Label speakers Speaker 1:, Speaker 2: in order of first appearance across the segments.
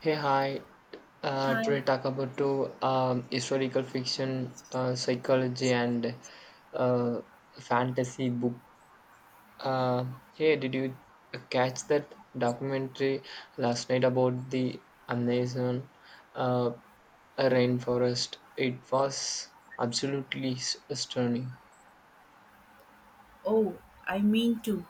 Speaker 1: Hey, hi.
Speaker 2: Hi.
Speaker 1: Today talk about to historical fiction, psychology, and uh, fantasy book. Uh, hey, did you catch that documentary last night about the Amazon uh, rainforest? It was absolutely stunning,
Speaker 2: Oh, I mean to.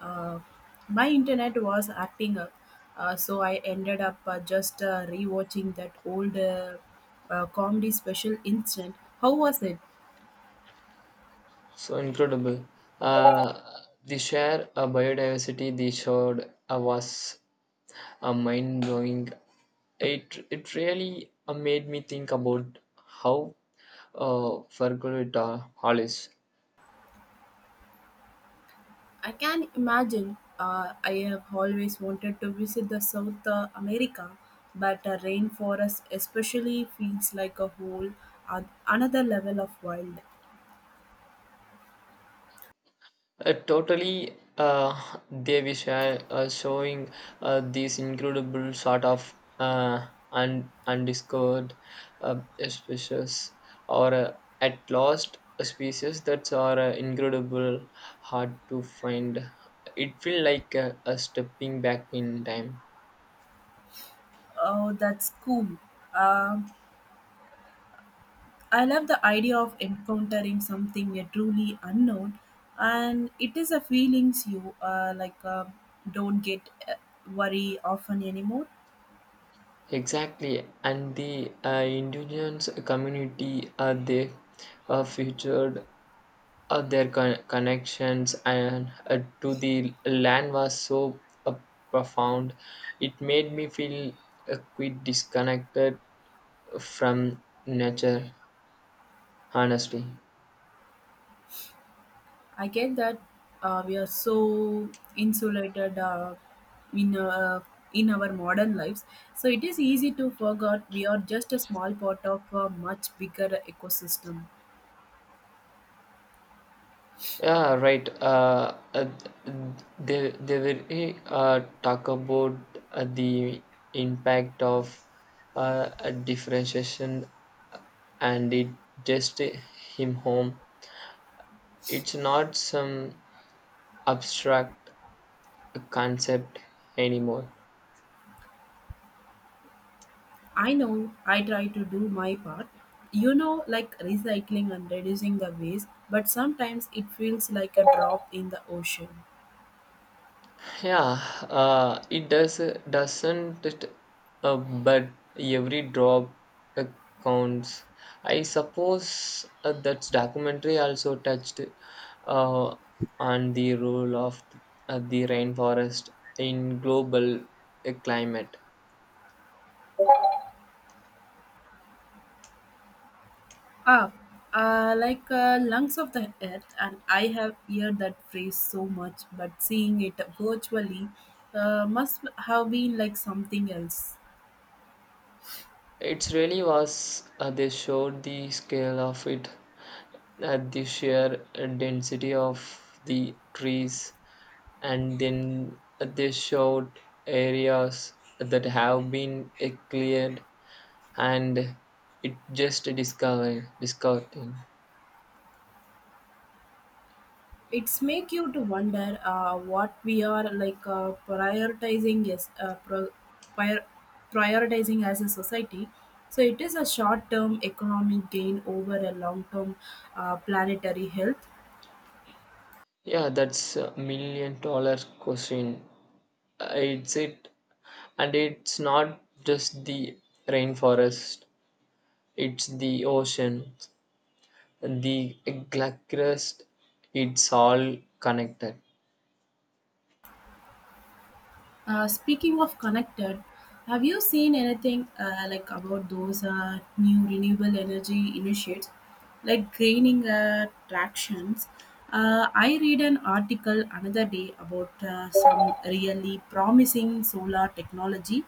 Speaker 2: Uh, my internet was acting up, so I ended up just rewatching that old comedy special instant. How was it?
Speaker 1: so incredible. Uh, the sheer biodiversity they showed was mind blowing. It really made me think about how Ferguita Hollis
Speaker 2: I can imagine. I have always wanted to visit the South America, but rainforest especially feels like a whole another level of wild.
Speaker 1: totally, they wish showing these incredible sort of undiscovered uh, species or at last a species that are incredible hard to find. It feel like a stepping back in time.
Speaker 2: Oh, that's cool. Um I love the idea of encountering something truly unknown, and it is a feelings you don't get worry often anymore.
Speaker 1: Exactly, and the indigenous community they featured their connections and to the land was so profound. It made me feel a quite disconnected from nature, honestly.
Speaker 2: I get that we are so insulated in uh, in our modern lives, so it is easy to forget we are just a small part of a much bigger ecosystem.
Speaker 1: Yeah, right. They will talk about the impact of a differentiation, and it just him home. It's not some abstract concept anymore.
Speaker 2: I know I try to do my part, like recycling and reducing the waste, but sometimes it feels like a drop in the ocean.
Speaker 1: Yeah, it does doesn't it, but every drop uh, counts. I suppose that documentary also touched uh, on the role of the rainforest in global climate.
Speaker 2: Ah, lungs of the earth, and I have heard that phrase so much, but seeing it virtually must have been like something else.
Speaker 1: It really was. They showed the scale of it, the sheer density of the trees, and then they showed areas that have been cleared, and it just discovered discovering.
Speaker 2: It's make you to wonder what we are like prioritizing is pro- prior- prioritizing as a society, so it is a short term economic gain over a long term planetary health.
Speaker 1: Yeah, that's a million dollar question. It's it, and it's not just the rainforest; it's the ocean, The Gluckrest, it's all connected.
Speaker 2: Speaking of connected, have you seen anything like about those new renewable energy initiatives, like greening tractions? I read an article another day about some really promising solar technology.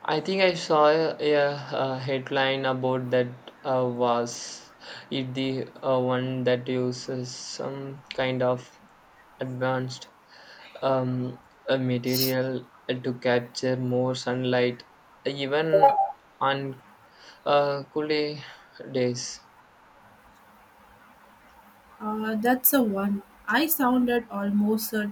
Speaker 1: I think I saw a headline about that. Was it the one that uses some kind of advanced um, a material to capture more sunlight, even on cooler days.
Speaker 2: That's a one. I sounded almost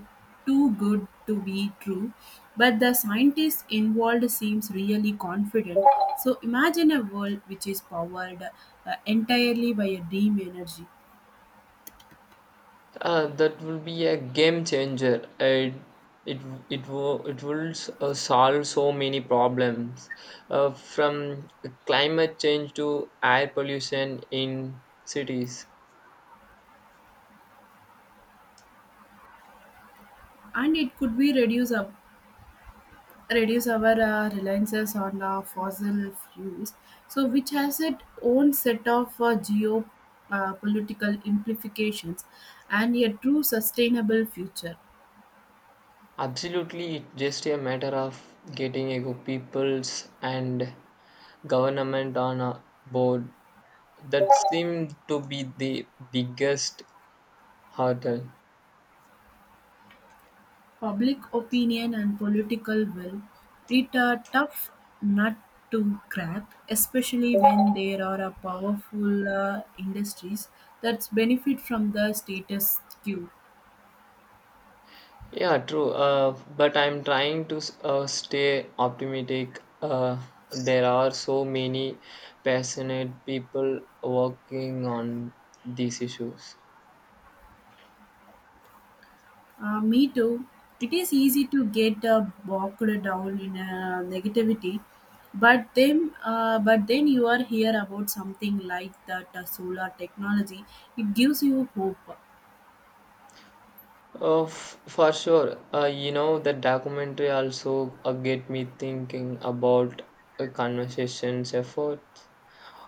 Speaker 2: too good to be true, but the scientist involved seems really confident. So imagine a world which is powered entirely by a dream energy,
Speaker 1: That will be a game changer. It it will solve so many problems, from climate change to air pollution in cities.
Speaker 2: and it could be reduce our reliances on fossil fuels. So which has its own set of geo political implications and a true sustainable future.
Speaker 1: Absolutely, it's just a matter of getting a good peoples and government on a board. That seemed to be the biggest hurdle.
Speaker 2: Public opinion and political will. It's a tough nut to crack, especially when there are a powerful industries that benefit from the status quo.
Speaker 1: Yeah, true. But I'm trying to stay optimistic. There are so many passionate people working on these issues.
Speaker 2: Me too. It is easy to get bogged down in negativity, but then you are here about something like that solar technology. It gives you hope.
Speaker 1: For sure. You know, the documentary also get me thinking about a conversation's effort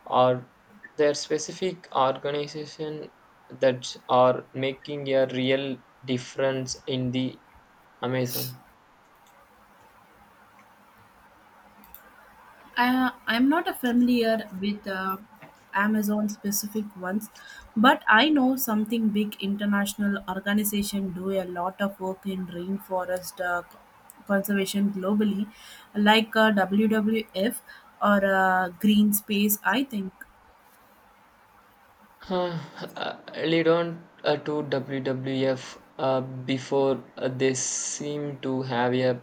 Speaker 1: or their specific organization that are making a real difference in the Amazon.
Speaker 2: I'm not a familiar with Amazon specific ones, but I know something big international organization do a lot of work in rainforest conservation globally, like WWF or Green Space. I think
Speaker 1: Huh, lead on to WWF, before they seem to have a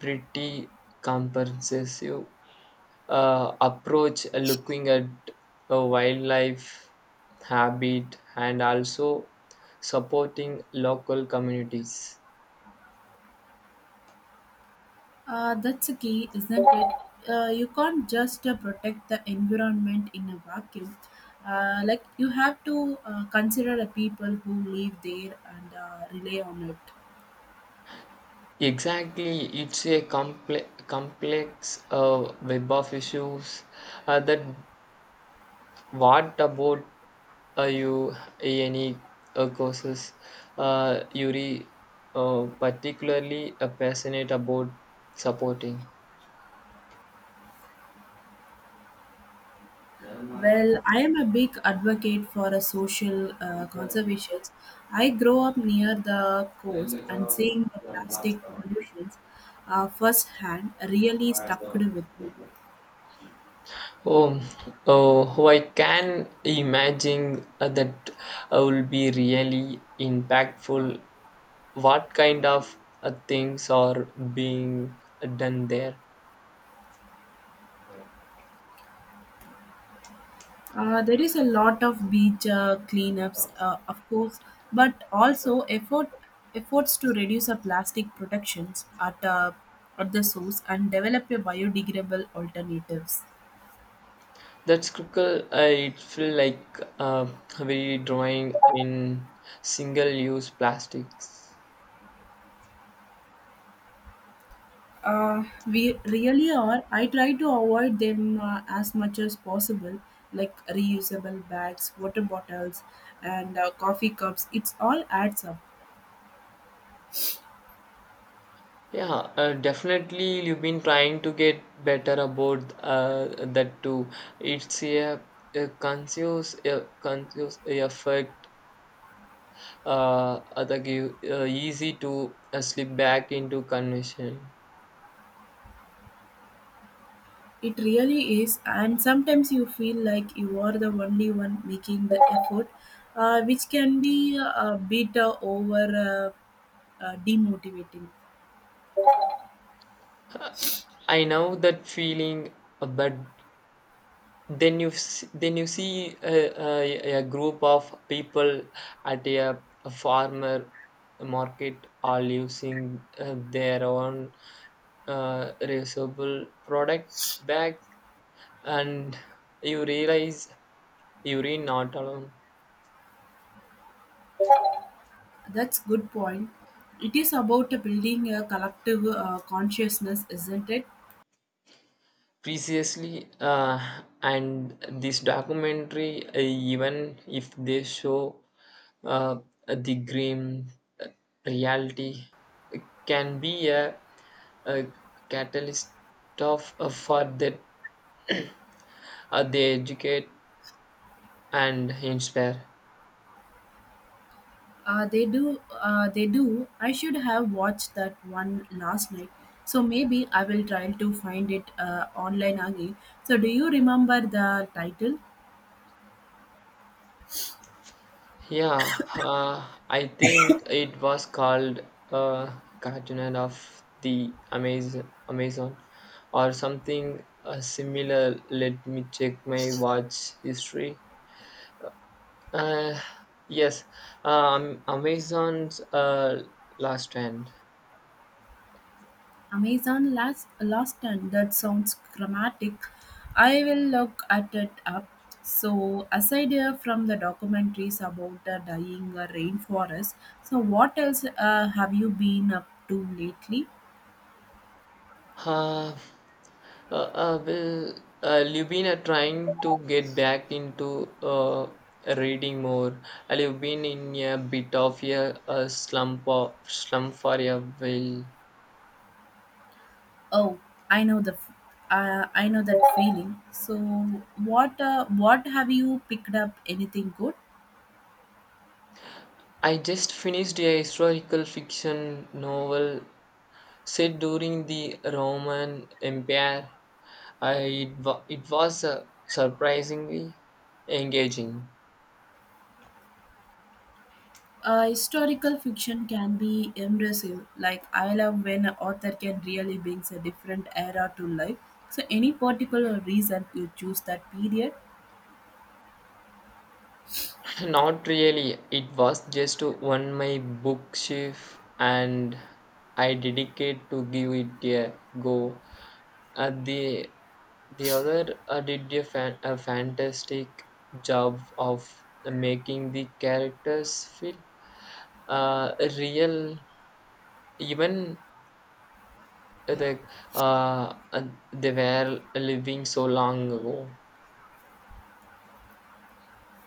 Speaker 1: pretty comprehensive approach, looking at wildlife habit and also supporting local communities.
Speaker 2: that's a key, isn't it? You can't just protect the environment in a vacuum. Like you have to consider the people who live there and rely on it.
Speaker 1: Exactly, it's a complex, web of issues that. What about you, any courses Yuri particularly passionate about supporting?
Speaker 2: Well, I am a big advocate for a social conservation. I grow up near the coast and seeing the plastic pollutions firsthand really stuck with me.
Speaker 1: Oh, oh, I can imagine that will be really impactful. What kind of things are being done there?
Speaker 2: There is a lot of beach cleanups, of course, but also efforts to reduce the plastic productions at the source and develop a biodegradable alternatives.
Speaker 1: That's scribble, it feel like we drawing in single-use plastics.
Speaker 2: We really are. I try to avoid them as much as possible, like reusable bags, water bottles, and coffee cups. It's all adds up.
Speaker 1: Yeah, definitely you've been trying to get better about that too. It's a conscious effect that give, easy to slip back into convention.
Speaker 2: It really is. And sometimes you feel like you are the only one making the effort, which can be a bit over demotivating.
Speaker 1: I know that feeling, but then then you see a group of people at a farmer market are using their own reusable product bag, and you realize you're not alone.
Speaker 2: That's good point. It is about building a collective consciousness, isn't it?
Speaker 1: Preciously, and this documentary, even if they show uh, the grim uh, reality, can be a catalyst of for that they educate and inspire.
Speaker 2: They do. They do. I should have watched that one last night. So maybe I will try to find it online again. So do you remember the title?
Speaker 1: Yeah, I think it was called uh, Cartoon of the Amazon, or something similar. Let me check my watch history. Uh, yes, Amazon's Last Stand.
Speaker 2: Amazon Last Stand. That sounds dramatic. I will look at it up. So aside from the documentaries about the dying rainforest, so what else have you been up to lately?
Speaker 1: Uh, well, you've been trying to get back into reading more. And you've been in a bit of a slump, for a while.
Speaker 2: Oh, I know the, f- I know that feeling. So, what have you picked up? Anything good?
Speaker 1: I just finished a historical fiction novel set during the Roman Empire. It was surprisingly engaging.
Speaker 2: Historical fiction can be immersive. Like I love when an author can really bring a different era to life. So, any particular reason you choose that period?
Speaker 1: Not really. It was just on my bookshelf, and I dedicated to give it a go. The other did a fantastic job of making the characters feel uh, real, even the uh, uh, they were living so long ago.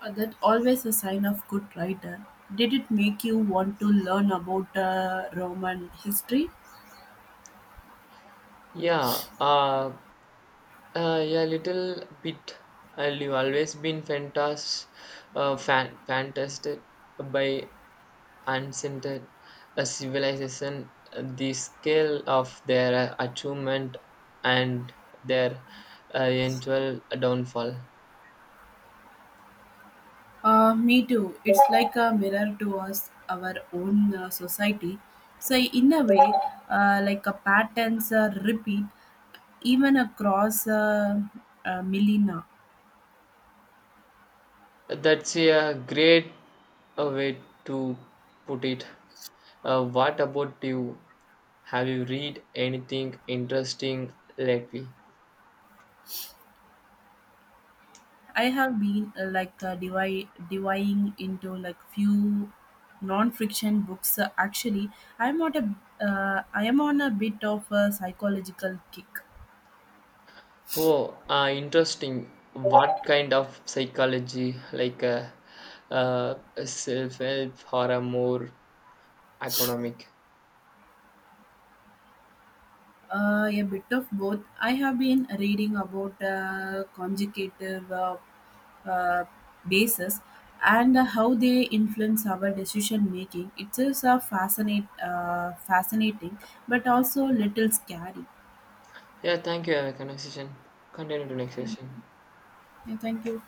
Speaker 2: That always a sign of good writer. Did it make you want to learn about Roman history?
Speaker 1: Yeah. Yeah, little bit. I've always been fantastic by unscented a civilization. The scale of their achievement and their eventual downfall.
Speaker 2: Me too. It's like a mirror to us, our own society. So in a way, like a patterns repeat even across millennia.
Speaker 1: That's a great way to put it. What about you? Have you read anything interesting lately?
Speaker 2: I have been dividing into like few non-fiction books. Actually, I am on a bit of a psychological kick.
Speaker 1: Oh, interesting. What kind of psychology, like self-help or a more economic?
Speaker 2: A bit of both. I have been reading about conjugative uh, bases and how they influence our decision making. It is a fascinating, but also little scary.
Speaker 1: Yeah, thank you. Have a conversation. Continue to next
Speaker 2: Yeah,
Speaker 1: session.
Speaker 2: Yeah, thank you.